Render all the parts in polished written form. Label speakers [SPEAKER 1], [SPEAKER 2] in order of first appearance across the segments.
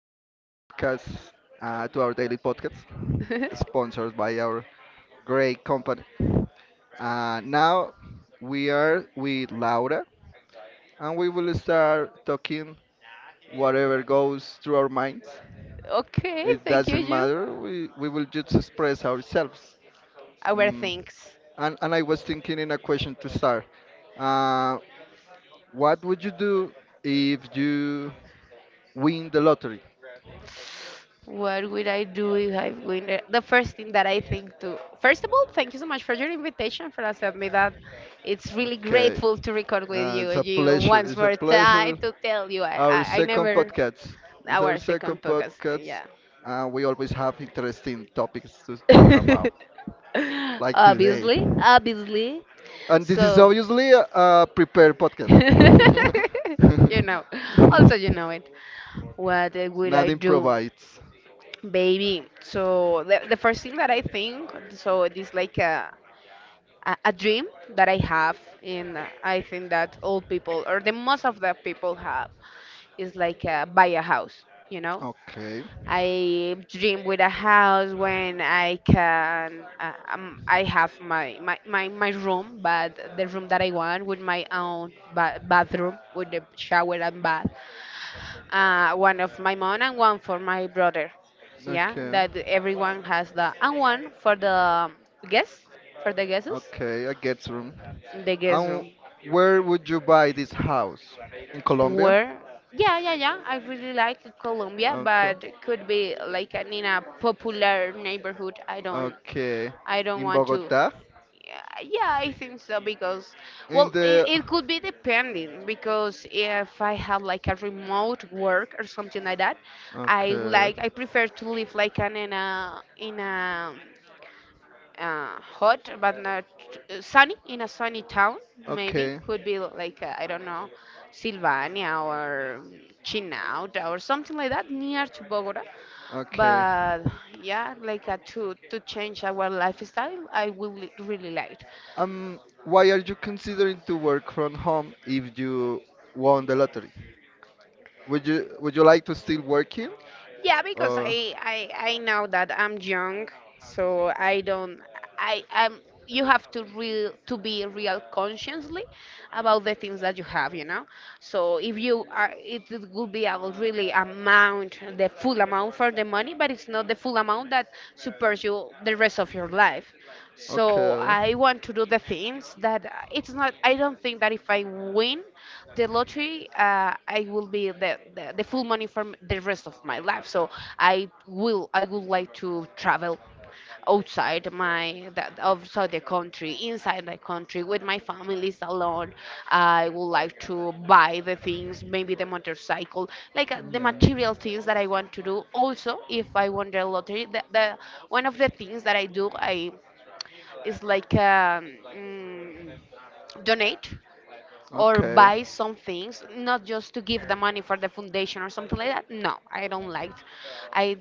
[SPEAKER 1] podcast, to our daily podcast, sponsored by our great company. Now we are with Laura, and we will start talking whatever goes through our minds.
[SPEAKER 2] Okay,
[SPEAKER 1] It
[SPEAKER 2] thank you,
[SPEAKER 1] doesn't
[SPEAKER 2] you.
[SPEAKER 1] matter. We will just express ourselves.
[SPEAKER 2] Our
[SPEAKER 1] Mm.
[SPEAKER 2] thanks.
[SPEAKER 1] And I was thinking in a question to start. Uh, what would you do if you win the lottery?
[SPEAKER 2] What would I do if I win? The first thing that I think to, first of all, thank you so much for your invitation for accepting me. That it's really
[SPEAKER 1] Okay.
[SPEAKER 2] grateful to record with
[SPEAKER 1] Uh,
[SPEAKER 2] you.
[SPEAKER 1] it's a
[SPEAKER 2] You
[SPEAKER 1] pleasure.
[SPEAKER 2] once
[SPEAKER 1] It's a
[SPEAKER 2] more
[SPEAKER 1] pleasure.
[SPEAKER 2] time to tell you I, I,
[SPEAKER 1] Our
[SPEAKER 2] I
[SPEAKER 1] second
[SPEAKER 2] never
[SPEAKER 1] podcast. It's our
[SPEAKER 2] our
[SPEAKER 1] second
[SPEAKER 2] second podcast.
[SPEAKER 1] podcast.
[SPEAKER 2] Yeah,
[SPEAKER 1] We always have interesting topics to talk about, like today.
[SPEAKER 2] obviously, obviously.
[SPEAKER 1] And this is
[SPEAKER 2] So,
[SPEAKER 1] obviously a prepared podcast.
[SPEAKER 2] you know, also you know it. What would I
[SPEAKER 1] Nothing
[SPEAKER 2] do?
[SPEAKER 1] provides.
[SPEAKER 2] Baby, so the first thing that I think, so it is like a dream that I have, and I think that all people, or the most of the people have, is like buy a house, you know?
[SPEAKER 1] Okay.
[SPEAKER 2] I dream with a house when I can, I have my room, but the room that I want with my own ba bathroom, with the shower and bath one of my mom and one for my brother. Yeah,
[SPEAKER 1] Okay.
[SPEAKER 2] that everyone has the and one guests for the guests
[SPEAKER 1] Okay. I get room.
[SPEAKER 2] the guest
[SPEAKER 1] And
[SPEAKER 2] room
[SPEAKER 1] where would you buy this house? In Colombia?
[SPEAKER 2] where yeah, yeah, yeah, I really like Colombia,
[SPEAKER 1] Okay.
[SPEAKER 2] but could be like an, in a popular neighborhood.
[SPEAKER 1] Okay.
[SPEAKER 2] I don't
[SPEAKER 1] In
[SPEAKER 2] want to.
[SPEAKER 1] Bogota?
[SPEAKER 2] Yeah, yeah, I think so because, well,
[SPEAKER 1] In
[SPEAKER 2] it,
[SPEAKER 1] the
[SPEAKER 2] it could be depending because if I have like a remote work or something like that,
[SPEAKER 1] Okay,
[SPEAKER 2] I prefer to live like an in a hot but not sunny in a sunny town, maybe
[SPEAKER 1] okay,
[SPEAKER 2] could be like I don't know, Sylvania or Chinaut or something like that near to Bogota.
[SPEAKER 1] okay.
[SPEAKER 2] But yeah, like to change our lifestyle, I will really like.
[SPEAKER 1] Um, why are you considering to work from home if you won the lottery? Would you like to still working
[SPEAKER 2] Yeah, because
[SPEAKER 1] or?
[SPEAKER 2] I know that I'm young, so I don't I am you have to real to be real consciously about the things that you have, you know. So if you are, it would be a really amount, the full amount for the money, but it's not the full amount that supports you the rest of your life. So
[SPEAKER 1] Okay.
[SPEAKER 2] I want to do the things that it's not. I don't think that if I win the lottery, I will be the full money for the rest of my life. So I I would like to travel outside my that outside the country, inside my country, with my families alone. I would like to buy the things, maybe the motorcycle, like the
[SPEAKER 1] Hmm.
[SPEAKER 2] material things that I want to do. Also, if I won the lottery, the one of the things that I do I is like mm, donate or
[SPEAKER 1] Okay.
[SPEAKER 2] buy some things, not just to give the money for the foundation or something like that. No, I don't like. I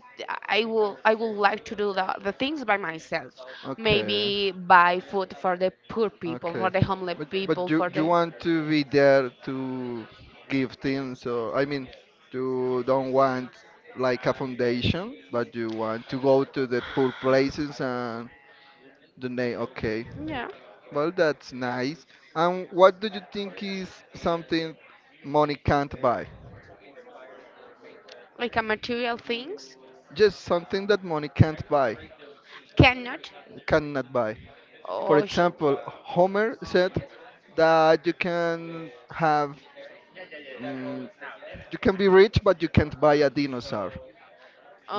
[SPEAKER 2] I would like to do the things by myself.
[SPEAKER 1] Okay.
[SPEAKER 2] Maybe buy food for the poor people, for
[SPEAKER 1] Okay.
[SPEAKER 2] the homeless
[SPEAKER 1] But
[SPEAKER 2] people,
[SPEAKER 1] you
[SPEAKER 2] for
[SPEAKER 1] you
[SPEAKER 2] the.
[SPEAKER 1] want to be there to give things, or I mean you don't want like a foundation, but you want to go to the poor places and donate. Okay.
[SPEAKER 2] Yeah,
[SPEAKER 1] Well, that's nice. And what do you think is something money can't buy?
[SPEAKER 2] like a material things.
[SPEAKER 1] Just something that money can't buy,
[SPEAKER 2] Cannot.
[SPEAKER 1] cannot buy. For
[SPEAKER 2] Oh,
[SPEAKER 1] example, Homer said that Mm, you can be rich, but you can't buy a dinosaur.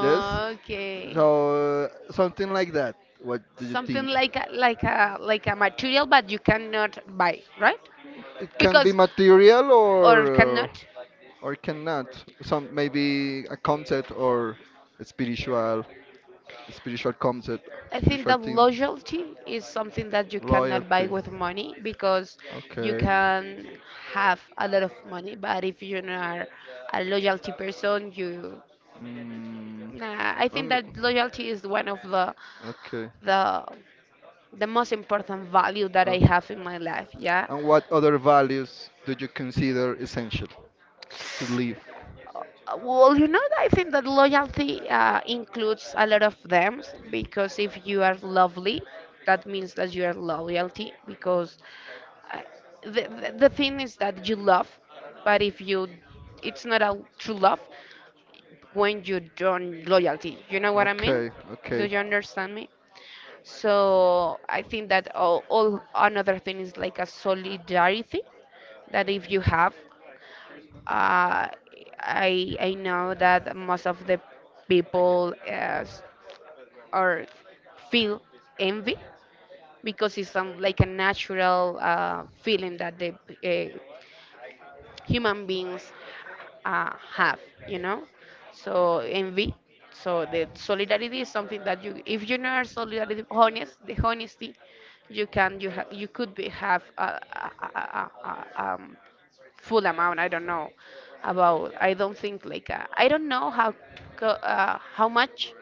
[SPEAKER 1] Yes? So, something like that. What do you
[SPEAKER 2] Something
[SPEAKER 1] think?
[SPEAKER 2] like a material, but you cannot buy, right?
[SPEAKER 1] It can be
[SPEAKER 2] Because
[SPEAKER 1] material
[SPEAKER 2] or
[SPEAKER 1] or, uh,
[SPEAKER 2] cannot.
[SPEAKER 1] or cannot. Some maybe a concept or a spiritual concept,
[SPEAKER 2] I think
[SPEAKER 1] spiritual
[SPEAKER 2] that
[SPEAKER 1] thing,
[SPEAKER 2] loyalty is something that you cannot buy
[SPEAKER 1] loyalty.
[SPEAKER 2] with money because you
[SPEAKER 1] Okay.
[SPEAKER 2] can have a lot of money, but if you're not a loyalty person, you
[SPEAKER 1] Mm,
[SPEAKER 2] nah, I think
[SPEAKER 1] and-
[SPEAKER 2] that loyalty is one of
[SPEAKER 1] okay.
[SPEAKER 2] the the most important value that
[SPEAKER 1] Uh,
[SPEAKER 2] I have in my life. Yeah.
[SPEAKER 1] and what other values do you consider essential to live?
[SPEAKER 2] Well, you know, I think that loyalty includes a lot of them because if you are lovely, that means that you are loyalty because I- the thing is that you love, but if you it's not a true love when you don't loyalty, you know what I mean?
[SPEAKER 1] Okay,
[SPEAKER 2] Do
[SPEAKER 1] okay.
[SPEAKER 2] you understand me? So I think that all another thing is like a solidarity that if you have, uh, I know that most of the people as or feel envy because it's some like a natural feeling that the uh, human beings have, you know? So envy. So the solidarity is something that you, if you know are solidarity, honest, the honesty, you can, you could be have a full amount. I don't know about. I don't think like I don't know how how much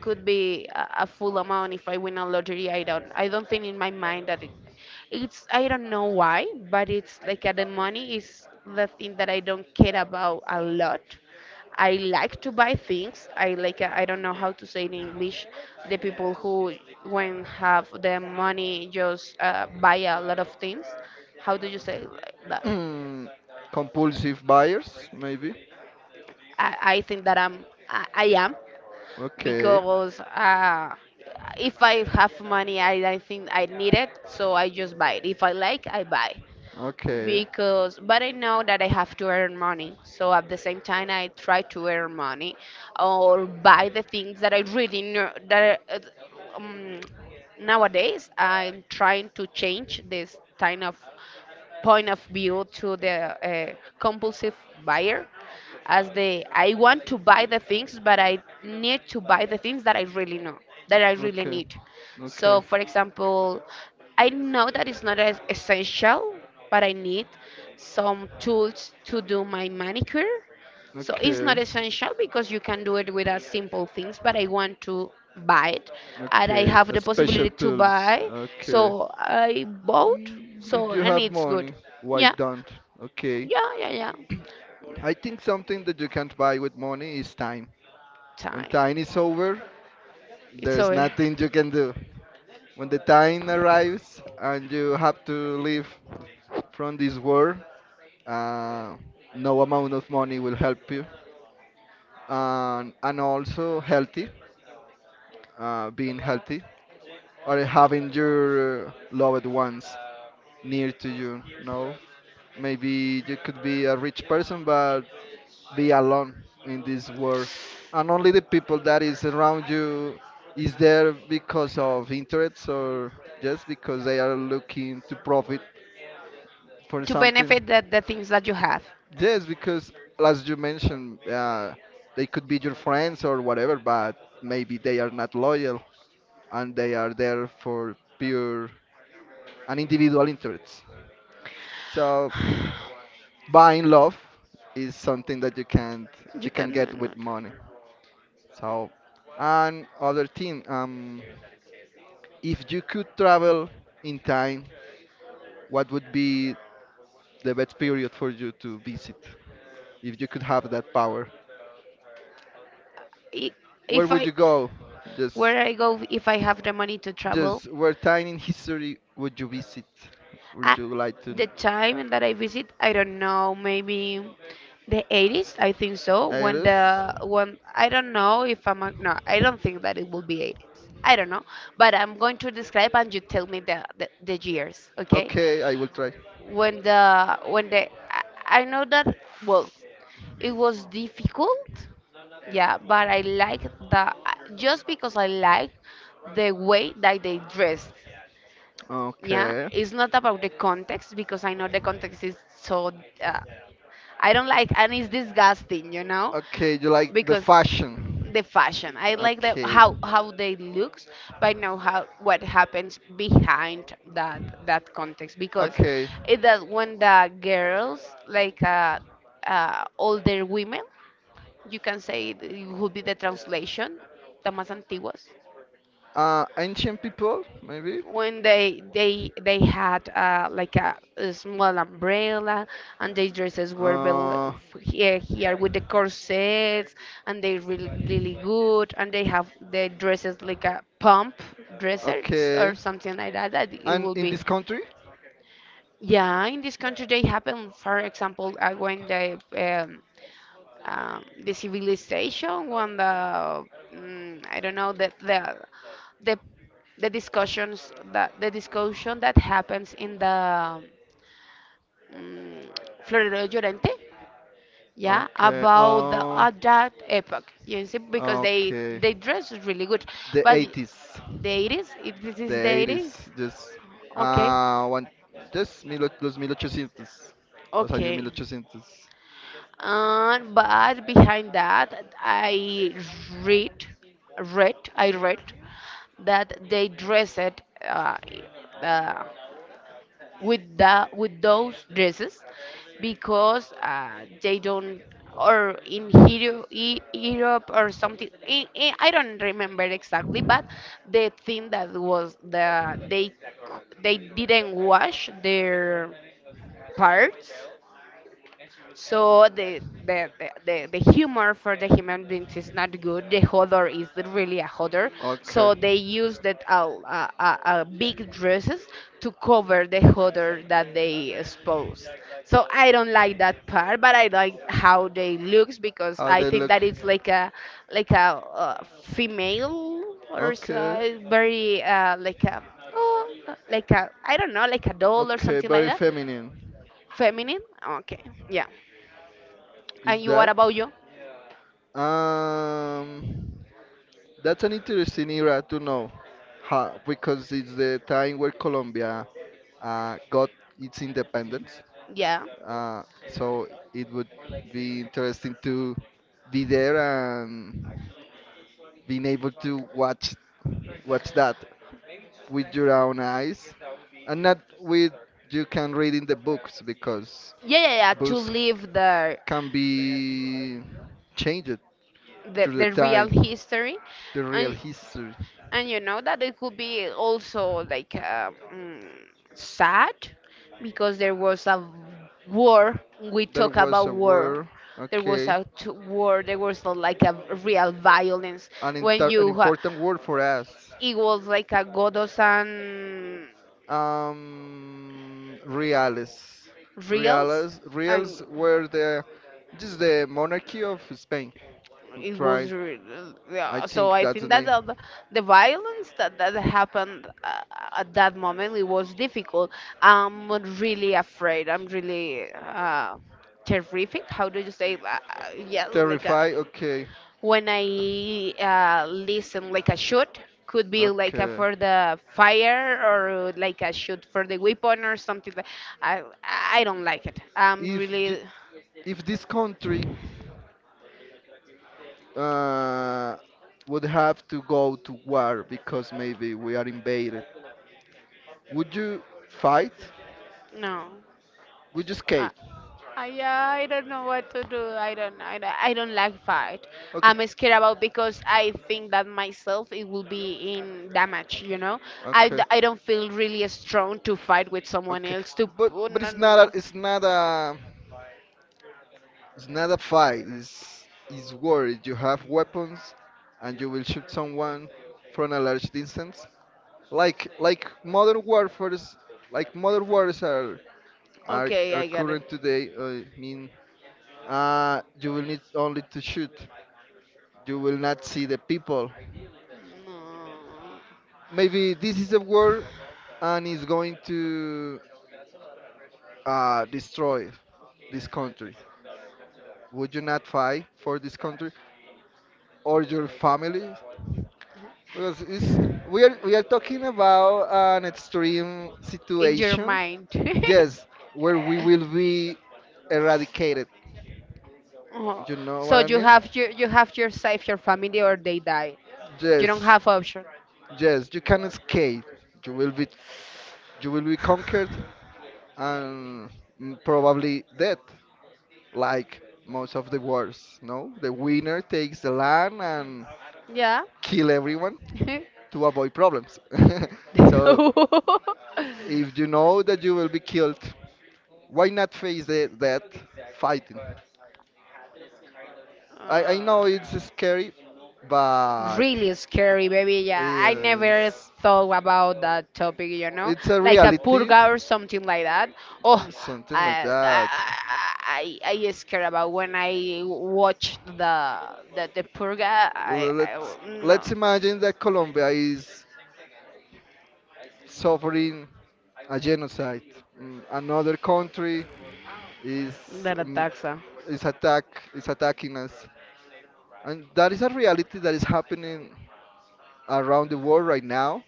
[SPEAKER 2] could be a full amount if I win a lottery. I don't. I don't think in my mind that it, it's. I don't know why, but it's like the money is the thing that I don't care about a lot. I like to buy things. I like I don't know how to say in English. The people who when have the money just buy a lot of things. How do you say like that?
[SPEAKER 1] Mm, Compulsive buyers, maybe.
[SPEAKER 2] I think that I am
[SPEAKER 1] Okay,
[SPEAKER 2] because if I have money, I think I need it, so I just buy it. If I like, I buy
[SPEAKER 1] okay,
[SPEAKER 2] because but I know that I have to earn money. So at the same time, I try to earn money or buy the things that I really know that um, nowadays I'm trying to change this kind of point of view to the uh, compulsive buyer as the I want to buy the things, but I need to buy the things that I really know, that I really
[SPEAKER 1] okay,
[SPEAKER 2] need.
[SPEAKER 1] okay,
[SPEAKER 2] So, for example, I know that it's not as essential, but I need some tools to do my manicure. So it's not
[SPEAKER 1] okay,
[SPEAKER 2] essential because you can do it with a simple things, but I want to buy it and I
[SPEAKER 1] okay.
[SPEAKER 2] have
[SPEAKER 1] A
[SPEAKER 2] the
[SPEAKER 1] special
[SPEAKER 2] possibility to
[SPEAKER 1] tools.
[SPEAKER 2] buy.
[SPEAKER 1] Okay.
[SPEAKER 2] So I bought. So
[SPEAKER 1] If you
[SPEAKER 2] and
[SPEAKER 1] have
[SPEAKER 2] it's good.
[SPEAKER 1] money, why
[SPEAKER 2] Yeah.
[SPEAKER 1] don't? Okay.
[SPEAKER 2] Yeah, yeah, yeah.
[SPEAKER 1] I think something that you can't buy with money is time. When
[SPEAKER 2] Time.
[SPEAKER 1] time is over,
[SPEAKER 2] It's
[SPEAKER 1] there's
[SPEAKER 2] over.
[SPEAKER 1] nothing you can do. When the time arrives and you have to leave from this world, uh, no amount of money will help you. And also healthy, being healthy, or having your loved ones near to you. No, maybe you could be a rich person, but be alone in this world, and only the people that is around you is there because of interests, or just because they are looking to profit for
[SPEAKER 2] To
[SPEAKER 1] something.
[SPEAKER 2] benefit that the things that you have.
[SPEAKER 1] Yes, because, as you mentioned, they could be your friends or whatever, but maybe they are not loyal and they are there for pure and individual interests. So buying love is something that you can't
[SPEAKER 2] you
[SPEAKER 1] you can
[SPEAKER 2] can do
[SPEAKER 1] get with
[SPEAKER 2] not.
[SPEAKER 1] money. So, and other thing, if you could travel in time, what would be the best period for you to visit? If you could have that power,
[SPEAKER 2] I-
[SPEAKER 1] where
[SPEAKER 2] If
[SPEAKER 1] would
[SPEAKER 2] I
[SPEAKER 1] you go? Just
[SPEAKER 2] where I go if I have the money to travel,
[SPEAKER 1] Just what time in history would you visit?
[SPEAKER 2] I,
[SPEAKER 1] Would you like
[SPEAKER 2] the
[SPEAKER 1] to?
[SPEAKER 2] time that I visit, I don't know, maybe the 80s, I think so. When
[SPEAKER 1] Iris?
[SPEAKER 2] the when I don't know if no, I don't think that it will be 80s. I don't know, but I'm going to describe and you tell me the years, okay?
[SPEAKER 1] Okay, I will try.
[SPEAKER 2] When the I know that, well, it was difficult, yeah, but I like the just because I like the way that they dressed. Yeah,
[SPEAKER 1] Okay.
[SPEAKER 2] it's not about the context because I know the context is so uh, I don't like, and it's disgusting, you know,
[SPEAKER 1] Okay, you like the
[SPEAKER 2] because
[SPEAKER 1] fashion.
[SPEAKER 2] the fashion, I like the
[SPEAKER 1] Okay.
[SPEAKER 2] how they looks, but I know how what happens behind that context because
[SPEAKER 1] Okay.
[SPEAKER 2] it that when the girls like older women, you can say it would be the translation, the más antiguas,
[SPEAKER 1] Ancient people, maybe?
[SPEAKER 2] when they had like a small umbrella, and their dresses were
[SPEAKER 1] Uh,
[SPEAKER 2] here with the corsets, and they really good, and they have their dresses like a pump dresses
[SPEAKER 1] okay.
[SPEAKER 2] or something like that that it
[SPEAKER 1] And
[SPEAKER 2] will
[SPEAKER 1] in
[SPEAKER 2] be.
[SPEAKER 1] this country?
[SPEAKER 2] Yeah, in this country they happen, for example, when the civilization when the I don't know the, the discussion that happens in the mm Florero Llorente, yeah,
[SPEAKER 1] Okay.
[SPEAKER 2] about the
[SPEAKER 1] Uh,
[SPEAKER 2] at that epoch. You see, because
[SPEAKER 1] okay.
[SPEAKER 2] they dress really good,
[SPEAKER 1] The
[SPEAKER 2] but
[SPEAKER 1] 80s.
[SPEAKER 2] the 80s, if this
[SPEAKER 1] The
[SPEAKER 2] is the 80s.
[SPEAKER 1] 80s, just,
[SPEAKER 2] Okay,
[SPEAKER 1] one, just 1800, los 1800, los años
[SPEAKER 2] okay.
[SPEAKER 1] 1800.
[SPEAKER 2] And but behind that, read, I read that they dress it uh, uh, with the with those dresses because they don't or in Hero, Europe or something. I, I don't remember exactly, but the thing that was they they didn't wash their parts, so the humor for the human beings is not good. The hodor is really a hodor. So they
[SPEAKER 1] Okay,
[SPEAKER 2] use that big dresses to cover the hodor that they expose. So I don't like that part, but I like how they looks because
[SPEAKER 1] how
[SPEAKER 2] I
[SPEAKER 1] they
[SPEAKER 2] think
[SPEAKER 1] look?
[SPEAKER 2] that it's like a like a female or
[SPEAKER 1] Okay,
[SPEAKER 2] so very like oh, like a I don't know like a doll or
[SPEAKER 1] okay,
[SPEAKER 2] something like
[SPEAKER 1] very
[SPEAKER 2] that.
[SPEAKER 1] feminine.
[SPEAKER 2] Feminine. Okay. Yeah.
[SPEAKER 1] Is
[SPEAKER 2] And you, what
[SPEAKER 1] that?
[SPEAKER 2] about you?
[SPEAKER 1] Um, that's an interesting era to know, huh, because it's the time where Colombia got its independence.
[SPEAKER 2] Yeah.
[SPEAKER 1] So it would be interesting to be there and being able to watch that with your own eyes and not with you can read in the books, because
[SPEAKER 2] Yeah, yeah, yeah. To
[SPEAKER 1] books
[SPEAKER 2] live
[SPEAKER 1] can be changed through the
[SPEAKER 2] the real
[SPEAKER 1] time,
[SPEAKER 2] history,
[SPEAKER 1] the real
[SPEAKER 2] and
[SPEAKER 1] history.
[SPEAKER 2] and you know that it could be also like sad because there was a war. We
[SPEAKER 1] There
[SPEAKER 2] talk
[SPEAKER 1] was
[SPEAKER 2] about
[SPEAKER 1] a
[SPEAKER 2] war.
[SPEAKER 1] war.
[SPEAKER 2] There was
[SPEAKER 1] Okay,
[SPEAKER 2] war. There was a, like a real violence when
[SPEAKER 1] an important word for us.
[SPEAKER 2] it was like a godos and
[SPEAKER 1] um reales
[SPEAKER 2] reels,
[SPEAKER 1] reales,
[SPEAKER 2] and
[SPEAKER 1] reals were the just the monarchy of Spain who,
[SPEAKER 2] it was
[SPEAKER 1] I
[SPEAKER 2] yeah.
[SPEAKER 1] think
[SPEAKER 2] So I
[SPEAKER 1] that's the
[SPEAKER 2] think that
[SPEAKER 1] name.
[SPEAKER 2] the violence that, that happened at that moment it was difficult. I'm really afraid. I'm really terrific. How do you say yeah, like
[SPEAKER 1] Terrify. Okay.
[SPEAKER 2] when I listen like a shoot, could be like a
[SPEAKER 1] Okay.
[SPEAKER 2] for the fire or like a shoot for the weapon or something like. I don't like it. I'm
[SPEAKER 1] If th-
[SPEAKER 2] really
[SPEAKER 1] if this country uh, would have to go to war because maybe we are invaded, would you fight?
[SPEAKER 2] no.
[SPEAKER 1] Would you escape?
[SPEAKER 2] Yeah, I don't know what to do. I don't like fight.
[SPEAKER 1] Okay.
[SPEAKER 2] I'm scared about because I think that myself it will be in damage.
[SPEAKER 1] Okay.
[SPEAKER 2] I don't feel really strong to fight with someone
[SPEAKER 1] Okay.
[SPEAKER 2] else. To
[SPEAKER 1] But
[SPEAKER 2] oh,
[SPEAKER 1] but
[SPEAKER 2] no,
[SPEAKER 1] it's
[SPEAKER 2] no,
[SPEAKER 1] not
[SPEAKER 2] no.
[SPEAKER 1] a, it's not a it's not a fight. It's war. You have weapons, and you will shoot someone from a large distance. Like like modern warfare's like modern wars are are
[SPEAKER 2] Okay,
[SPEAKER 1] are
[SPEAKER 2] I got it.
[SPEAKER 1] current today. I mean, you will need only to shoot. You will not see the people.
[SPEAKER 2] No,
[SPEAKER 1] Maybe this is the war, and is going to destroy this country. Would you not fight for this country or your family? Because we are talking about an extreme
[SPEAKER 2] in your
[SPEAKER 1] situation.
[SPEAKER 2] mind.
[SPEAKER 1] Yes, where we will be eradicated.
[SPEAKER 2] Oh.
[SPEAKER 1] You know what
[SPEAKER 2] So
[SPEAKER 1] I mean?
[SPEAKER 2] you have your save your family or they die. You don't
[SPEAKER 1] Yes.
[SPEAKER 2] have option.
[SPEAKER 1] Yes, you can escape. You will be you will be conquered and probably dead, like most of the wars. No, the winner takes the land and
[SPEAKER 2] Yeah.
[SPEAKER 1] kill everyone to avoid problems. So if you know that you will be killed, why not face the death fighting? I
[SPEAKER 2] Uh,
[SPEAKER 1] know it's scary, but
[SPEAKER 2] Really scary, baby. Yeah, I never
[SPEAKER 1] yes,
[SPEAKER 2] thought about that topic, you know,
[SPEAKER 1] it's a
[SPEAKER 2] like a
[SPEAKER 1] reality,
[SPEAKER 2] purga or something like that. Oh,
[SPEAKER 1] something like
[SPEAKER 2] I I
[SPEAKER 1] that.
[SPEAKER 2] I, I I scared about when I watched the the purga. I
[SPEAKER 1] Let's
[SPEAKER 2] no
[SPEAKER 1] let's imagine that Colombia is suffering a genocide. Another country is
[SPEAKER 2] that
[SPEAKER 1] um,
[SPEAKER 2] ataxa.
[SPEAKER 1] is attack attacking us, and that is a reality that is happening around the world right now.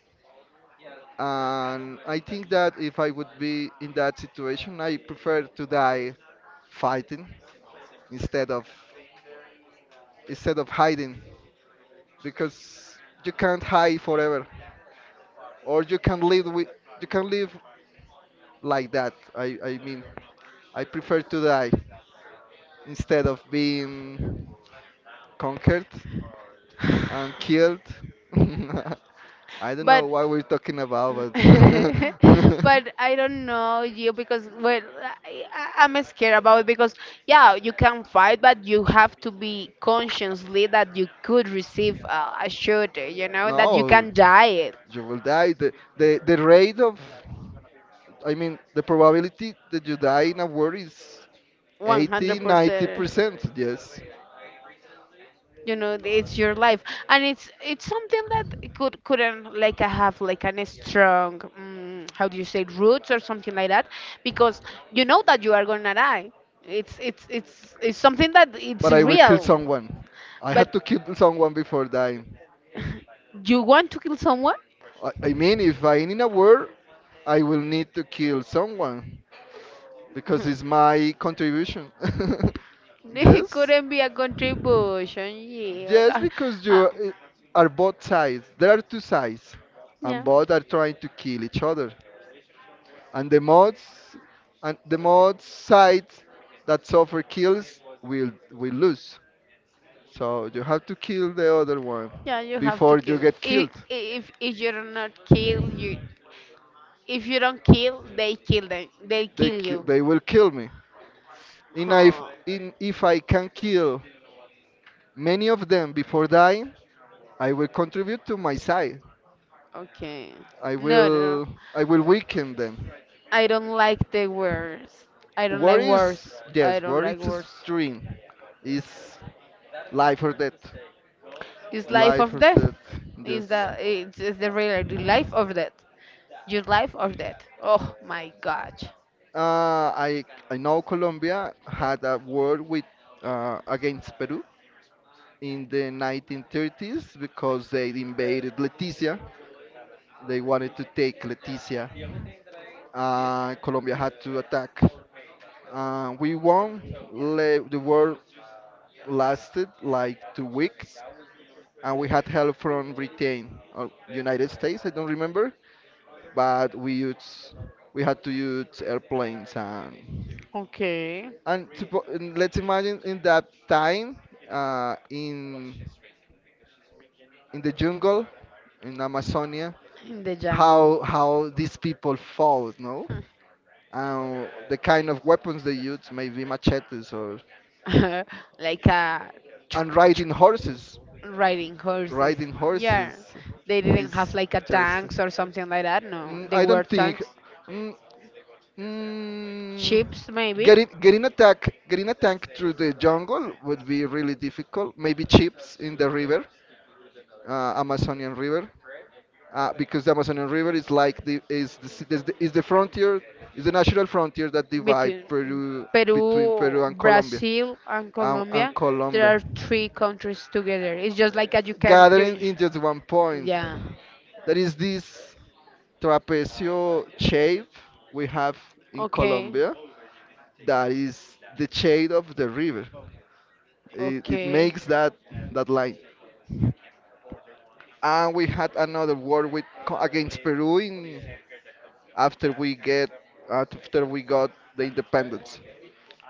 [SPEAKER 1] And I think that if I would be in that situation, I prefer to die fighting, instead of instead of hiding, because you can't hide forever. Or you can live like that. I mean, I prefer to die instead of being conquered and killed. I don't
[SPEAKER 2] But
[SPEAKER 1] know what we're talking about, but.
[SPEAKER 2] But I don't know you because well, I'm scared about it because yeah, you can fight, but you have to be consciously that you could receive a shot, you know, that you
[SPEAKER 1] No,
[SPEAKER 2] can die
[SPEAKER 1] you will die. The rate of, I mean, the probability that you die in a war is 80, ninety
[SPEAKER 2] 100%.
[SPEAKER 1] percent Yes,
[SPEAKER 2] You know, it's your life, and it's something that could couldn't like I have like an strong how do you say roots or something like that because you know that you are gonna die. It's something that it's
[SPEAKER 1] but I will kill
[SPEAKER 2] real.
[SPEAKER 1] someone. I
[SPEAKER 2] But
[SPEAKER 1] had to kill someone before dying.
[SPEAKER 2] you want to kill someone?
[SPEAKER 1] I mean, if I in a war, I will need to kill someone, because it's my contribution.
[SPEAKER 2] It
[SPEAKER 1] Yes,
[SPEAKER 2] couldn't be a contribution. Yeah,
[SPEAKER 1] yes, because you
[SPEAKER 2] uh,
[SPEAKER 1] are eh, are both sides. There are two sides, and
[SPEAKER 2] yeah,
[SPEAKER 1] both are trying to kill each other. And the mods, and the mod sides that suffer kills will lose. So you have to kill the other one
[SPEAKER 2] yeah. You have to
[SPEAKER 1] before you
[SPEAKER 2] kill.
[SPEAKER 1] get
[SPEAKER 2] If
[SPEAKER 1] killed.
[SPEAKER 2] if if you do not kill you, if you don't kill, they kill them. They
[SPEAKER 1] They
[SPEAKER 2] kill
[SPEAKER 1] ki-
[SPEAKER 2] you.
[SPEAKER 1] they will kill me. And if
[SPEAKER 2] Huh.
[SPEAKER 1] in if I can kill many of them before dying, I will contribute to my side.
[SPEAKER 2] Okay.
[SPEAKER 1] I
[SPEAKER 2] No, no, no.
[SPEAKER 1] will I will weaken them.
[SPEAKER 2] I don't like the words. I don't like
[SPEAKER 1] Worry is,
[SPEAKER 2] words. I
[SPEAKER 1] yes,
[SPEAKER 2] don't
[SPEAKER 1] worry
[SPEAKER 2] like
[SPEAKER 1] is
[SPEAKER 2] words.
[SPEAKER 1] extreme. Is life or death.
[SPEAKER 2] It's life or
[SPEAKER 1] Life or
[SPEAKER 2] death.
[SPEAKER 1] death.
[SPEAKER 2] Is
[SPEAKER 1] Yes.
[SPEAKER 2] that it's the reality life or death? Your life or death? Oh my God.
[SPEAKER 1] Uh, I I know Colombia had a war with against Peru in the 1930s because they invaded Leticia. They wanted to take Leticia. Colombia had to attack. We won. The war lasted like 2 weeks, and we had help from Britain or United States. I don't remember, but we had to use airplanes and
[SPEAKER 2] Okay.
[SPEAKER 1] and, suppo- and let's imagine in that time, in the jungle, in Amazonia,
[SPEAKER 2] In the jungle.
[SPEAKER 1] how these people fought, no? And the kind of weapons they used, maybe machetes, or
[SPEAKER 2] Like a
[SPEAKER 1] and riding horses.
[SPEAKER 2] riding horses.
[SPEAKER 1] riding
[SPEAKER 2] Yeah.
[SPEAKER 1] horses
[SPEAKER 2] They didn't have
[SPEAKER 1] Is
[SPEAKER 2] like a tanks
[SPEAKER 1] interesting.
[SPEAKER 2] or something like that. No. They
[SPEAKER 1] I
[SPEAKER 2] were
[SPEAKER 1] don't think.
[SPEAKER 2] tanks.
[SPEAKER 1] Mm, mm,
[SPEAKER 2] Ships maybe.
[SPEAKER 1] getting a tank, through the jungle would be really difficult. Maybe chips in the river, Amazonian River, because the Amazonian River is like the is the, s- is the frontier is the natural frontier that divide
[SPEAKER 2] Between
[SPEAKER 1] Peru, between
[SPEAKER 2] Peru,
[SPEAKER 1] Peru and Colombia
[SPEAKER 2] Brazil and
[SPEAKER 1] um, and
[SPEAKER 2] Colombia, there
[SPEAKER 1] Colombia.
[SPEAKER 2] are three countries together. It's just like a you can
[SPEAKER 1] Gathering
[SPEAKER 2] you
[SPEAKER 1] in just one point.
[SPEAKER 2] yeah.
[SPEAKER 1] There is this. Trapecio shape we have in
[SPEAKER 2] Okay.
[SPEAKER 1] Colombia, that is the shade of the river. It
[SPEAKER 2] Okay.
[SPEAKER 1] makes that line. And we had another war against Peru, in after we get after we got the independence.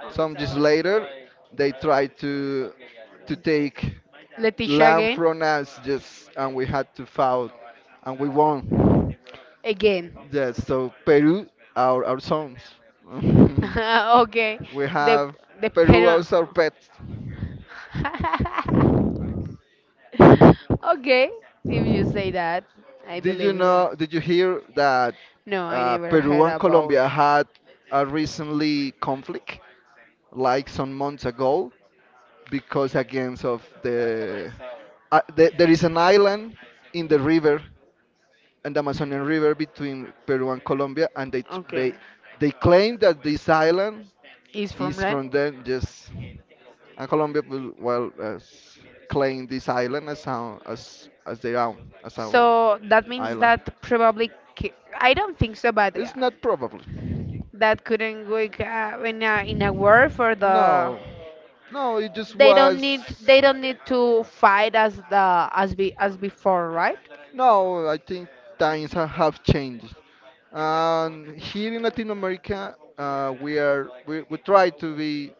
[SPEAKER 1] Some years later, they tried to take
[SPEAKER 2] Leticia
[SPEAKER 1] land
[SPEAKER 2] again?
[SPEAKER 1] from us, just, and we had to fight and we won.
[SPEAKER 2] Again.
[SPEAKER 1] Yes, so Peru, our sons.
[SPEAKER 2] Okay.
[SPEAKER 1] We
[SPEAKER 2] The
[SPEAKER 1] have
[SPEAKER 2] the
[SPEAKER 1] Peru
[SPEAKER 2] Peru.
[SPEAKER 1] as our pet.
[SPEAKER 2] Okay, if you say that, I
[SPEAKER 1] Did you
[SPEAKER 2] believe it.
[SPEAKER 1] know? Did you hear that,
[SPEAKER 2] No, I never
[SPEAKER 1] Peru
[SPEAKER 2] heard
[SPEAKER 1] and Colombia
[SPEAKER 2] about.
[SPEAKER 1] had a recently conflict, like some months ago, because against of there is an island in the river, in the Amazonian River between Peru and Colombia, and they tr-
[SPEAKER 2] Okay,
[SPEAKER 1] they claim that this island
[SPEAKER 2] is from
[SPEAKER 1] is
[SPEAKER 2] Ren.
[SPEAKER 1] from them. Just, and Colombia will, well, as claim this island as our, as their own, as our
[SPEAKER 2] So that means
[SPEAKER 1] island.
[SPEAKER 2] that probably I I don't think so, but
[SPEAKER 1] It's not probably.
[SPEAKER 2] that couldn't work in a war for the.
[SPEAKER 1] No, no, it just
[SPEAKER 2] They don't
[SPEAKER 1] was.
[SPEAKER 2] need they don't need to fight as the as be as before, right?
[SPEAKER 1] No, I think times have changed. And here in Latin America, we try to be,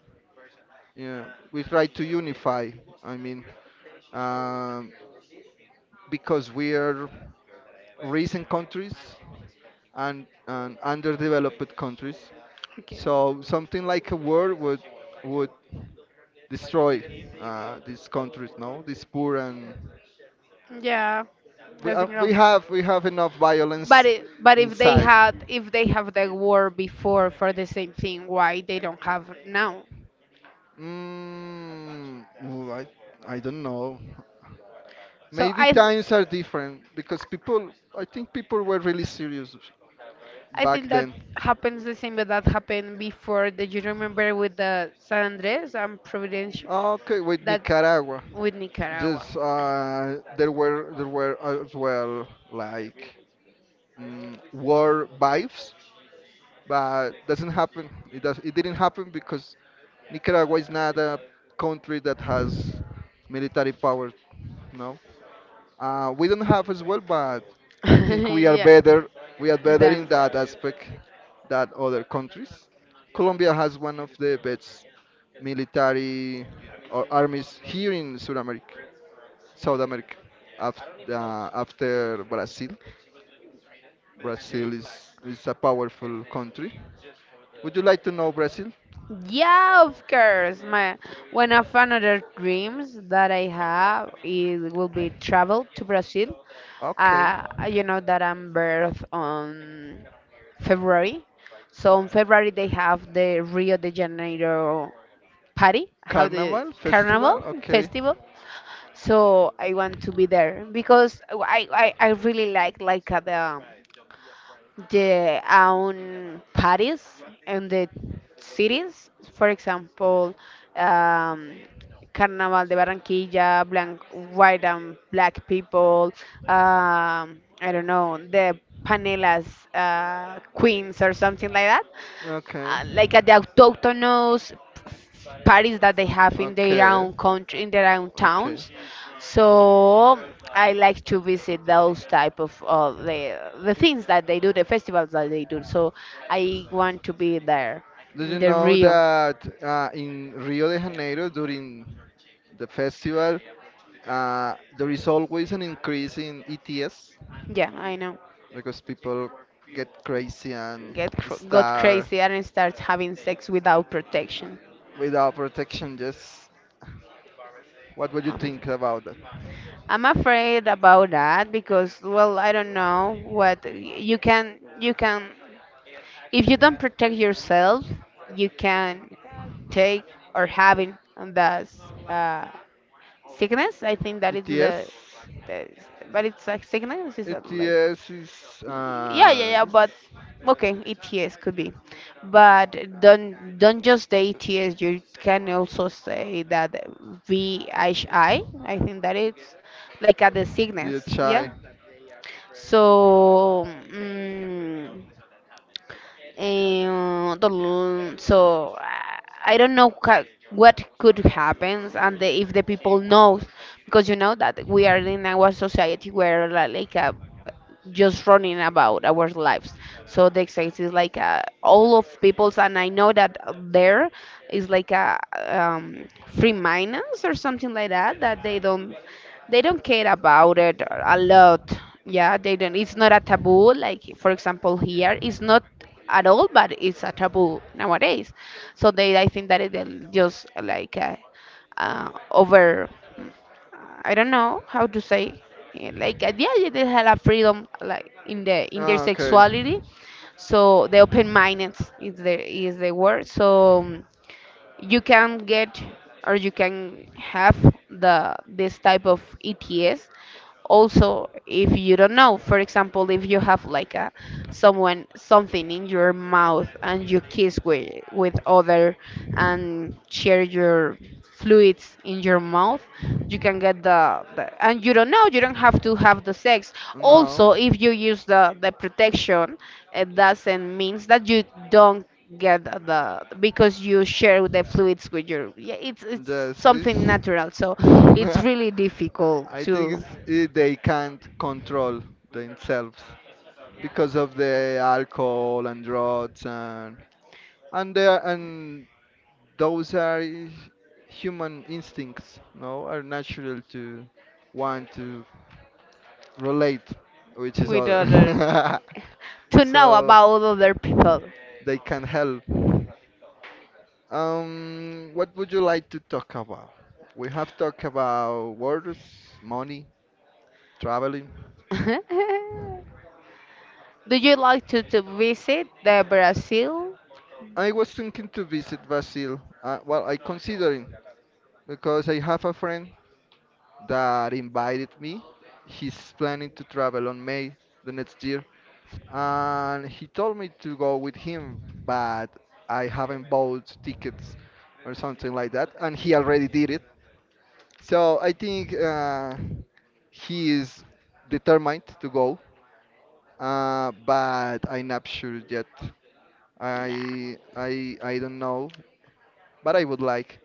[SPEAKER 1] yeah, we try to unify. I mean, um, because we are recent countries, and underdeveloped countries.
[SPEAKER 2] Okay.
[SPEAKER 1] So something like a war would would destroy, these countries, no? These poor, and
[SPEAKER 2] Yeah, that's enough.
[SPEAKER 1] we have enough
[SPEAKER 2] But
[SPEAKER 1] violence
[SPEAKER 2] it, but if they
[SPEAKER 1] inside.
[SPEAKER 2] had if they have the word before for the same thing, why they don't have now?
[SPEAKER 1] Mm, ooh, I don't know.
[SPEAKER 2] So
[SPEAKER 1] Maybe
[SPEAKER 2] I th-
[SPEAKER 1] times are different, because people I think people were really serious
[SPEAKER 2] I think
[SPEAKER 1] back
[SPEAKER 2] that
[SPEAKER 1] then.
[SPEAKER 2] happens the same that that happened before. Did you remember with the San Andres and Providencia?
[SPEAKER 1] Okay, with
[SPEAKER 2] That
[SPEAKER 1] Nicaragua,
[SPEAKER 2] with Nicaragua.
[SPEAKER 1] just, there were as well, like, war vibes, but doesn't happen. It does. It didn't happen because Nicaragua is not a country that has military power. No, we don't have as well, but I think we are
[SPEAKER 2] Yeah.
[SPEAKER 1] better. We are better in
[SPEAKER 2] Then
[SPEAKER 1] that aspect than other countries. Colombia has one of the best military or armies here in South America, after, after Brazil. Brazil is a powerful country. Would you like to know Brazil?
[SPEAKER 2] Yeah, of course. My one of another dreams that I have is will be travel to Brazil.
[SPEAKER 1] Okay.
[SPEAKER 2] Uh, you know that I'm birth on February, so in February they have the Rio de Janeiro party, how the
[SPEAKER 1] Carnival
[SPEAKER 2] carnival
[SPEAKER 1] festival. Okay.
[SPEAKER 2] festival. So I want to be there because I really like the own parties and the cities. For example, um, Carnaval de Barranquilla, blank, white and black people. I don't know the Panelas queens or something like that.
[SPEAKER 1] Okay.
[SPEAKER 2] Like the autochthonous parties that they have in their
[SPEAKER 1] Okay.
[SPEAKER 2] own country, in their own
[SPEAKER 1] Okay.
[SPEAKER 2] towns. So I like to visit those type of the things that they do, the festivals that they do. So I want to be there
[SPEAKER 1] Do
[SPEAKER 2] in
[SPEAKER 1] you
[SPEAKER 2] the
[SPEAKER 1] know
[SPEAKER 2] Rio.
[SPEAKER 1] that in Rio de Janeiro during the festival, there is always an increase in ETS
[SPEAKER 2] Yeah, I know.
[SPEAKER 1] because people get crazy and
[SPEAKER 2] Get cr- got
[SPEAKER 1] start
[SPEAKER 2] crazy and start having sex without protection.
[SPEAKER 1] without protection. Just what would you
[SPEAKER 2] I'm
[SPEAKER 1] think
[SPEAKER 2] afraid.
[SPEAKER 1] about that?
[SPEAKER 2] I'm afraid about that because well, I don't know what you can if you don't protect yourself, you can take or having the uh, sickness. I think that is
[SPEAKER 1] ETS?
[SPEAKER 2] the but it's a sickness. Is that like
[SPEAKER 1] ATS is
[SPEAKER 2] Y- Yeah, yeah, yeah,
[SPEAKER 1] just
[SPEAKER 2] but okay, ETS could be. But don't just the ETS, you can also say that VHI, I think that it's like a the sickness,
[SPEAKER 1] DHI.
[SPEAKER 2] yeah. So mm, eh, the- so I I don't know ca- what could happen and the, if the people knows because you know that we are in our society where li- like a just running about our lives. So the exercise is like all of people's, and I know that there is like a free minors or something like that that they don't care about it a lot. Yeah, they don't. It's not a taboo. Like for example, here it's not at all, but it's a taboo nowadays. So they, I think that it, they'll just like over. I don't know how to say like yeah, they have a freedom like in the in their
[SPEAKER 1] Ah, okay.
[SPEAKER 2] sexuality so the open minded is the word so you can get or you can have the this type of ETS also if you don't know for example if you have like a someone something in your mouth and you kiss with other and share your fluids in your mouth you can get the and you don't know you don't have to have the sex
[SPEAKER 1] No.
[SPEAKER 2] also if you use the protection it doesn't means that you don't get the because you share the fluids with your yeah, it's
[SPEAKER 1] Yes, it's.
[SPEAKER 2] something natural so it's really difficult
[SPEAKER 1] I think
[SPEAKER 2] to
[SPEAKER 1] it's they can't control themselves because of the alcohol and drugs and and those are human instincts. No, are natural to want to relate with each
[SPEAKER 2] with other
[SPEAKER 1] other.
[SPEAKER 2] to know
[SPEAKER 1] So
[SPEAKER 2] about other people.
[SPEAKER 1] they can help. What would you like to talk about? We have talked about wars, money, traveling.
[SPEAKER 2] Do you like to visit the brazil
[SPEAKER 1] I was thinking to visit Brazil. Well, I considering because I have a friend that invited me. He's planning to travel on May the next year, and he told me to go with him, but I haven't bought tickets or something like that, and he already did it. So I think he is determined to go, but I'm not sure yet.
[SPEAKER 2] nah.
[SPEAKER 1] I don't know, but I would like.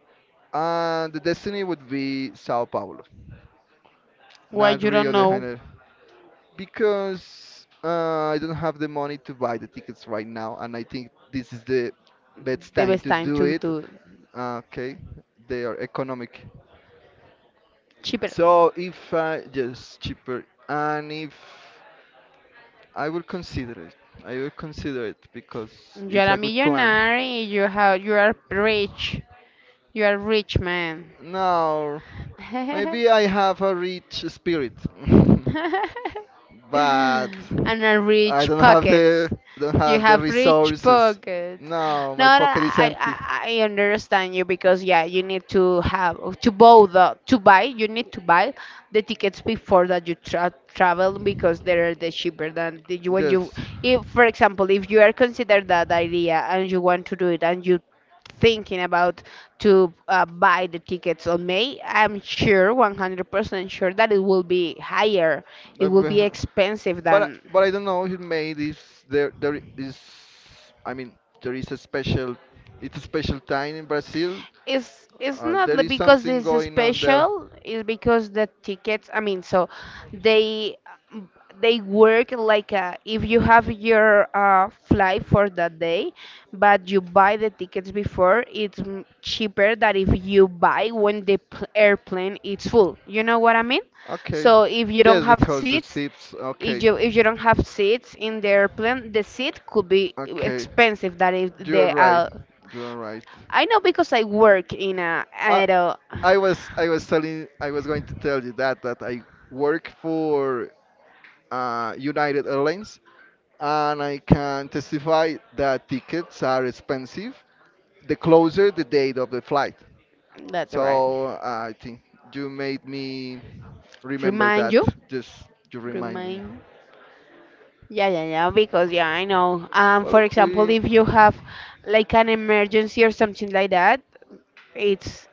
[SPEAKER 1] The destiny would be Sao Paulo,
[SPEAKER 2] Why
[SPEAKER 1] not
[SPEAKER 2] you
[SPEAKER 1] Rio
[SPEAKER 2] don't
[SPEAKER 1] de
[SPEAKER 2] know
[SPEAKER 1] Janeiro, because I don't have the money to buy the tickets right now, and I think this is the best
[SPEAKER 2] the
[SPEAKER 1] time
[SPEAKER 2] best
[SPEAKER 1] to
[SPEAKER 2] time
[SPEAKER 1] do it.
[SPEAKER 2] to
[SPEAKER 1] Okay, they are economic.
[SPEAKER 2] cheaper.
[SPEAKER 1] So if I just cheaper and if I will consider it, I will consider it because
[SPEAKER 2] You
[SPEAKER 1] it's
[SPEAKER 2] are a
[SPEAKER 1] a good plan.
[SPEAKER 2] millionaire. You have. You are rich. You are rich man.
[SPEAKER 1] Now, maybe I have a rich spirit, but
[SPEAKER 2] And a
[SPEAKER 1] I
[SPEAKER 2] rich pockets.
[SPEAKER 1] don't
[SPEAKER 2] You
[SPEAKER 1] have the
[SPEAKER 2] have rich
[SPEAKER 1] resources.
[SPEAKER 2] pockets.
[SPEAKER 1] Now my
[SPEAKER 2] No, no,
[SPEAKER 1] pocket is empty.
[SPEAKER 2] I understand you because yeah, you need to have to buy the to buy. You need to buy the tickets before that you tra travel because they are the cheaper than the, you when you.
[SPEAKER 1] Yes.
[SPEAKER 2] If for example, if you are considered that idea and you want to do it and you thinking about to buy the tickets on May, I'm sure, 100% sure that it will be higher. It will be
[SPEAKER 1] Well,
[SPEAKER 2] expensive
[SPEAKER 1] But I-
[SPEAKER 2] than.
[SPEAKER 1] but I don't know. It made is there there is I mean there is a special it's a special time in Brazil.
[SPEAKER 2] It's not
[SPEAKER 1] There
[SPEAKER 2] li-
[SPEAKER 1] is
[SPEAKER 2] because
[SPEAKER 1] something
[SPEAKER 2] it's
[SPEAKER 1] going on there.
[SPEAKER 2] special. It's because the tickets. I mean, so they they work like a, if you have your flight for that day, but you buy the tickets before, it's m- cheaper than if you buy when the pl- airplane is full. You know what I mean?
[SPEAKER 1] Okay.
[SPEAKER 2] So if you don't
[SPEAKER 1] Just
[SPEAKER 2] have
[SPEAKER 1] because the
[SPEAKER 2] seats,
[SPEAKER 1] sips. Okay.
[SPEAKER 2] if you don't have seats in the airplane, the seat could be
[SPEAKER 1] Okay.
[SPEAKER 2] expensive. That if
[SPEAKER 1] You're
[SPEAKER 2] the
[SPEAKER 1] right. You're right.
[SPEAKER 2] I know because I work in a
[SPEAKER 1] I
[SPEAKER 2] aero.
[SPEAKER 1] I was telling I was going to tell you that I work for United Airlines, and I can testify that tickets are expensive the closer the date of the flight.
[SPEAKER 2] That's right.
[SPEAKER 1] So I think you made me remember
[SPEAKER 2] Remind
[SPEAKER 1] that.
[SPEAKER 2] you,
[SPEAKER 1] Just you reminded me.
[SPEAKER 2] remind. Yeah, yeah, yeah. Because yeah, I know. For
[SPEAKER 1] Well,
[SPEAKER 2] example,
[SPEAKER 1] we
[SPEAKER 2] if you have like an emergency or something like that, it's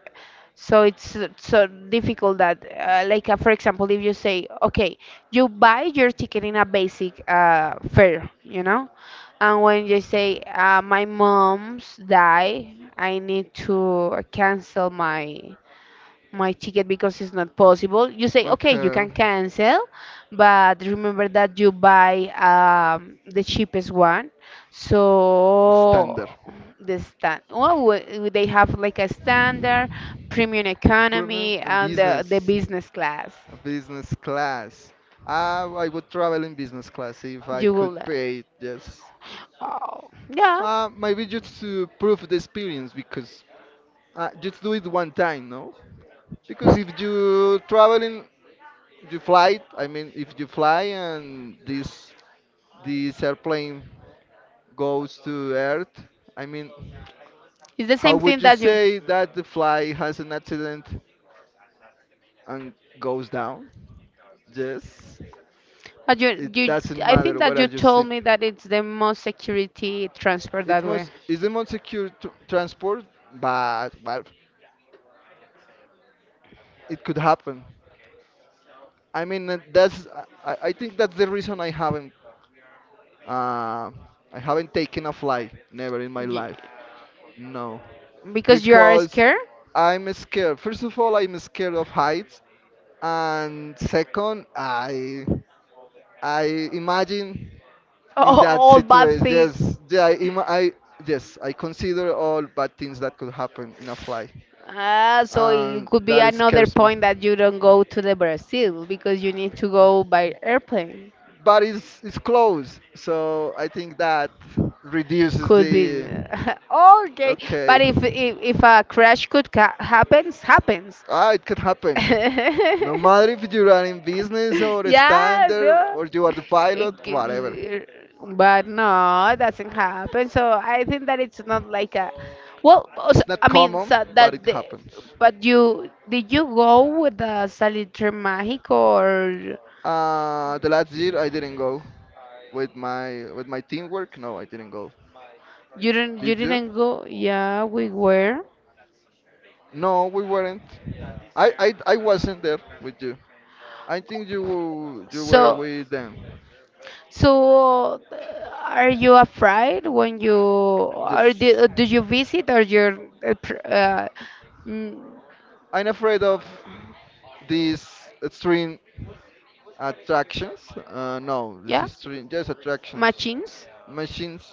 [SPEAKER 2] so it's so difficult that like for example if you say okay you buy your ticket in a basic fare you know and when you say my mom's die I need to cancel my my ticket because it's not possible. You say, okay, you
[SPEAKER 1] okay.
[SPEAKER 2] can cancel, but remember that you buy the cheapest one. So
[SPEAKER 1] Standard
[SPEAKER 2] the stand, well, we- they have like a standard, premium
[SPEAKER 1] improvement
[SPEAKER 2] economy,
[SPEAKER 1] and
[SPEAKER 2] and the
[SPEAKER 1] business,
[SPEAKER 2] business class.
[SPEAKER 1] a business class. I would travel in business class if I
[SPEAKER 2] You
[SPEAKER 1] could
[SPEAKER 2] will,
[SPEAKER 1] pay it. Yes.
[SPEAKER 2] oh, yeah,
[SPEAKER 1] Maybe just to prove the experience because just do it one time, no? Because if you traveling, you fly. I mean, if you fly and this airplane goes to Earth, I mean,
[SPEAKER 2] it's the
[SPEAKER 1] how
[SPEAKER 2] same
[SPEAKER 1] would
[SPEAKER 2] thing
[SPEAKER 1] you
[SPEAKER 2] that you.
[SPEAKER 1] say that the fly has an accident and goes down? Yes,
[SPEAKER 2] But
[SPEAKER 1] it doesn't
[SPEAKER 2] I think
[SPEAKER 1] matter where
[SPEAKER 2] that
[SPEAKER 1] are
[SPEAKER 2] you
[SPEAKER 1] you
[SPEAKER 2] told
[SPEAKER 1] sit.
[SPEAKER 2] me that it's the most security transport
[SPEAKER 1] It
[SPEAKER 2] that way,
[SPEAKER 1] most is the most secure tr transport, but it could happen. I mean, that's I, I think that's the reason Uh, I haven't taken a flight, never in my
[SPEAKER 2] Y-
[SPEAKER 1] life. No,
[SPEAKER 2] because you are
[SPEAKER 1] because
[SPEAKER 2] scared.
[SPEAKER 1] I'm scared. First of all, I'm scared of heights, and second, I imagine in
[SPEAKER 2] all,
[SPEAKER 1] that
[SPEAKER 2] all bad
[SPEAKER 1] situation.
[SPEAKER 2] things.
[SPEAKER 1] Yes, yeah, I, ima- I yes, I consider all bad things that could happen in a flight,
[SPEAKER 2] Ah, so it
[SPEAKER 1] and
[SPEAKER 2] could be
[SPEAKER 1] that
[SPEAKER 2] another
[SPEAKER 1] scares me.
[SPEAKER 2] point that you don't go to the Brazil because you need to go by airplane.
[SPEAKER 1] But it's close, so I think that reduces
[SPEAKER 2] Could be
[SPEAKER 1] the
[SPEAKER 2] the- okay,
[SPEAKER 1] okay.
[SPEAKER 2] but if a crash could ca- happens, happens.
[SPEAKER 1] Ah, it could happen. No matter if you are in business or a
[SPEAKER 2] Yeah,
[SPEAKER 1] standard
[SPEAKER 2] no.
[SPEAKER 1] or you are the
[SPEAKER 2] It
[SPEAKER 1] pilot,
[SPEAKER 2] g-
[SPEAKER 1] whatever.
[SPEAKER 2] But no, it doesn't happen. So I think that it's not like a. Well, also,
[SPEAKER 1] It's not
[SPEAKER 2] I mean,
[SPEAKER 1] common,
[SPEAKER 2] so
[SPEAKER 1] but
[SPEAKER 2] that
[SPEAKER 1] it
[SPEAKER 2] the,
[SPEAKER 1] happens.
[SPEAKER 2] but you did you go with the Salitre Mágico or
[SPEAKER 1] The last year I didn't go with my teamwork. No, I didn't go.
[SPEAKER 2] you
[SPEAKER 1] Did you?
[SPEAKER 2] didn't go? Yeah, we were.
[SPEAKER 1] No, we weren't. I wasn't there with you. I think you were
[SPEAKER 2] So
[SPEAKER 1] with them.
[SPEAKER 2] so are you afraid when you or
[SPEAKER 1] Yes.
[SPEAKER 2] do, do you visit or your uh, pr- uh, mm,
[SPEAKER 1] I'm afraid of this extreme Attractions? No, this
[SPEAKER 2] yeah
[SPEAKER 1] is string. Yes, attractions.
[SPEAKER 2] machines?
[SPEAKER 1] Machines,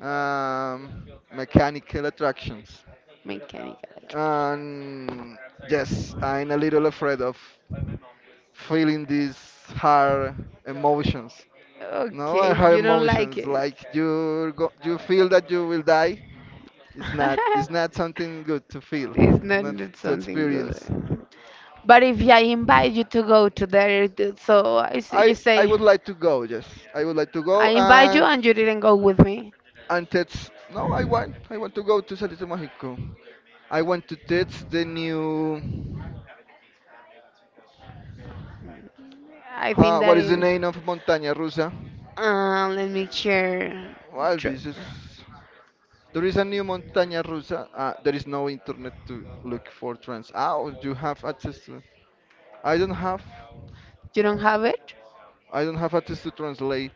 [SPEAKER 1] um, mechanical attractions.
[SPEAKER 2] Mechanical electrical.
[SPEAKER 1] And yes, I'm a little afraid of feeling these hard emotions. No, are
[SPEAKER 2] Okay,
[SPEAKER 1] hard
[SPEAKER 2] you don't like
[SPEAKER 1] emotions
[SPEAKER 2] it.
[SPEAKER 1] like you go, you feel that you will die. It's not something good to feel.
[SPEAKER 2] It's
[SPEAKER 1] It's
[SPEAKER 2] not
[SPEAKER 1] not
[SPEAKER 2] not
[SPEAKER 1] to
[SPEAKER 2] something good.
[SPEAKER 1] experience.
[SPEAKER 2] But if I invite you to go to there, th- so I s you
[SPEAKER 1] I
[SPEAKER 2] say,
[SPEAKER 1] would like to go. Yes, I would like to
[SPEAKER 2] I
[SPEAKER 1] go
[SPEAKER 2] invite you and you didn't go with me.
[SPEAKER 1] and that's no I want I want to go to Salito Mágico. I want to test the new
[SPEAKER 2] I think that
[SPEAKER 1] what is the
[SPEAKER 2] is.
[SPEAKER 1] name of montaña rusa?
[SPEAKER 2] Let me check.
[SPEAKER 1] Well
[SPEAKER 2] True.
[SPEAKER 1] this is there is a new montaña rusa. There is no internet to look for trans. oh, do you have access to? i don't have
[SPEAKER 2] You don't have it?
[SPEAKER 1] I don't have access to translate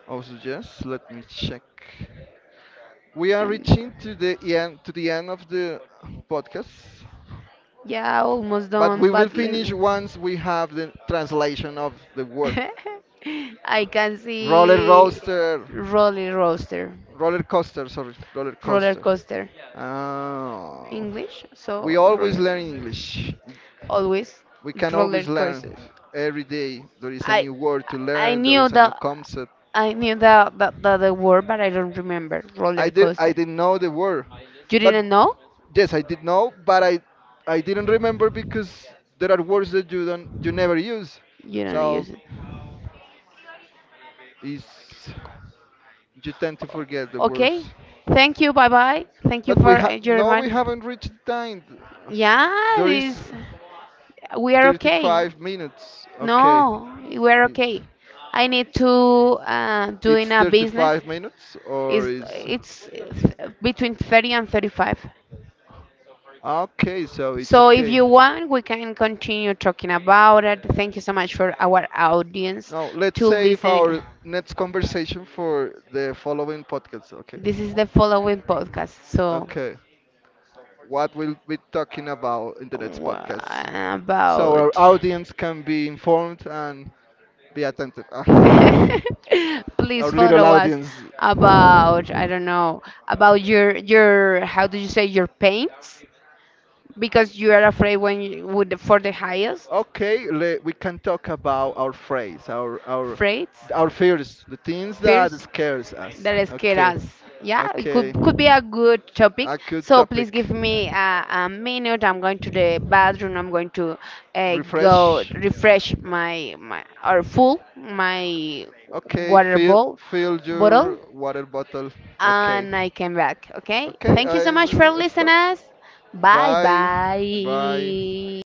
[SPEAKER 1] also. yes, let me check. We are
[SPEAKER 2] Um,
[SPEAKER 1] reaching to the end of the podcast.
[SPEAKER 2] yeah, almost
[SPEAKER 1] But
[SPEAKER 2] done,
[SPEAKER 1] we will
[SPEAKER 2] but let
[SPEAKER 1] finish once we have the translation of the word.
[SPEAKER 2] I can
[SPEAKER 1] Roller
[SPEAKER 2] see
[SPEAKER 1] roaster,
[SPEAKER 2] roller coaster.
[SPEAKER 1] Roller coaster, sorry, roller
[SPEAKER 2] Roller
[SPEAKER 1] coaster.
[SPEAKER 2] coaster.
[SPEAKER 1] Oh,
[SPEAKER 2] English, so
[SPEAKER 1] we always
[SPEAKER 2] roller.
[SPEAKER 1] learn English.
[SPEAKER 2] Always
[SPEAKER 1] We can
[SPEAKER 2] roller
[SPEAKER 1] always learn
[SPEAKER 2] coaster.
[SPEAKER 1] every day. There is a
[SPEAKER 2] I
[SPEAKER 1] new word to
[SPEAKER 2] I
[SPEAKER 1] learn. There
[SPEAKER 2] knew
[SPEAKER 1] is a new
[SPEAKER 2] the
[SPEAKER 1] concept.
[SPEAKER 2] I knew the, the word, but I don't remember roller
[SPEAKER 1] I
[SPEAKER 2] coaster.
[SPEAKER 1] didn't know the word,
[SPEAKER 2] You
[SPEAKER 1] but
[SPEAKER 2] didn't know?
[SPEAKER 1] yes, I did know, but I didn't remember because there are words that you never use.
[SPEAKER 2] You don't
[SPEAKER 1] So
[SPEAKER 2] use it.
[SPEAKER 1] is you tend to forget the words.
[SPEAKER 2] Okay. Thank you. Bye bye. Thank you
[SPEAKER 1] But we
[SPEAKER 2] for
[SPEAKER 1] ha
[SPEAKER 2] your
[SPEAKER 1] no, we
[SPEAKER 2] remind.
[SPEAKER 1] haven't reached time.
[SPEAKER 2] Yeah,
[SPEAKER 1] There is
[SPEAKER 2] this we are okay.
[SPEAKER 1] 35 minutes. Okay,
[SPEAKER 2] No, we are
[SPEAKER 1] it,
[SPEAKER 2] okay. I need to
[SPEAKER 1] it's
[SPEAKER 2] doing a business.
[SPEAKER 1] 35 minutes or
[SPEAKER 2] Is
[SPEAKER 1] is
[SPEAKER 2] it's between 30 and 35.
[SPEAKER 1] okay, so it's
[SPEAKER 2] So if
[SPEAKER 1] okay.
[SPEAKER 2] you want, we can continue talking about it. Thank you so much for our audience
[SPEAKER 1] Now let's
[SPEAKER 2] to
[SPEAKER 1] save
[SPEAKER 2] listen.
[SPEAKER 1] our next conversation for the following podcast. Okay.
[SPEAKER 2] This is the following podcast. So
[SPEAKER 1] Okay. What we'll be talking about in the next
[SPEAKER 2] wha-
[SPEAKER 1] podcast, so our
[SPEAKER 2] about
[SPEAKER 1] audience can be informed and be attentive. Ah, our
[SPEAKER 2] please
[SPEAKER 1] little
[SPEAKER 2] follow us
[SPEAKER 1] audience.
[SPEAKER 2] about I don't know about your how do you say your pains because you are afraid when you, would for the highest
[SPEAKER 1] Okay, we can talk about our phrase, our
[SPEAKER 2] freights.
[SPEAKER 1] our fears, the things that
[SPEAKER 2] Fears
[SPEAKER 1] scares us.
[SPEAKER 2] that scare
[SPEAKER 1] Okay,
[SPEAKER 2] us. Yeah, it
[SPEAKER 1] okay,
[SPEAKER 2] could be a good topic.
[SPEAKER 1] a good
[SPEAKER 2] So please
[SPEAKER 1] topic.
[SPEAKER 2] give me a minute. I'm going to the bathroom. I'm going to go
[SPEAKER 1] Refresh.
[SPEAKER 2] refresh my my or full my
[SPEAKER 1] Okay,
[SPEAKER 2] water bowl
[SPEAKER 1] fill
[SPEAKER 2] bottle,
[SPEAKER 1] your water bottle. Okay,
[SPEAKER 2] and I came back. Okay.
[SPEAKER 1] okay,
[SPEAKER 2] Thank you so
[SPEAKER 1] I
[SPEAKER 2] much for
[SPEAKER 1] will
[SPEAKER 2] listening
[SPEAKER 1] stop.
[SPEAKER 2] us. Bye
[SPEAKER 1] Bye. Bye.
[SPEAKER 2] bye.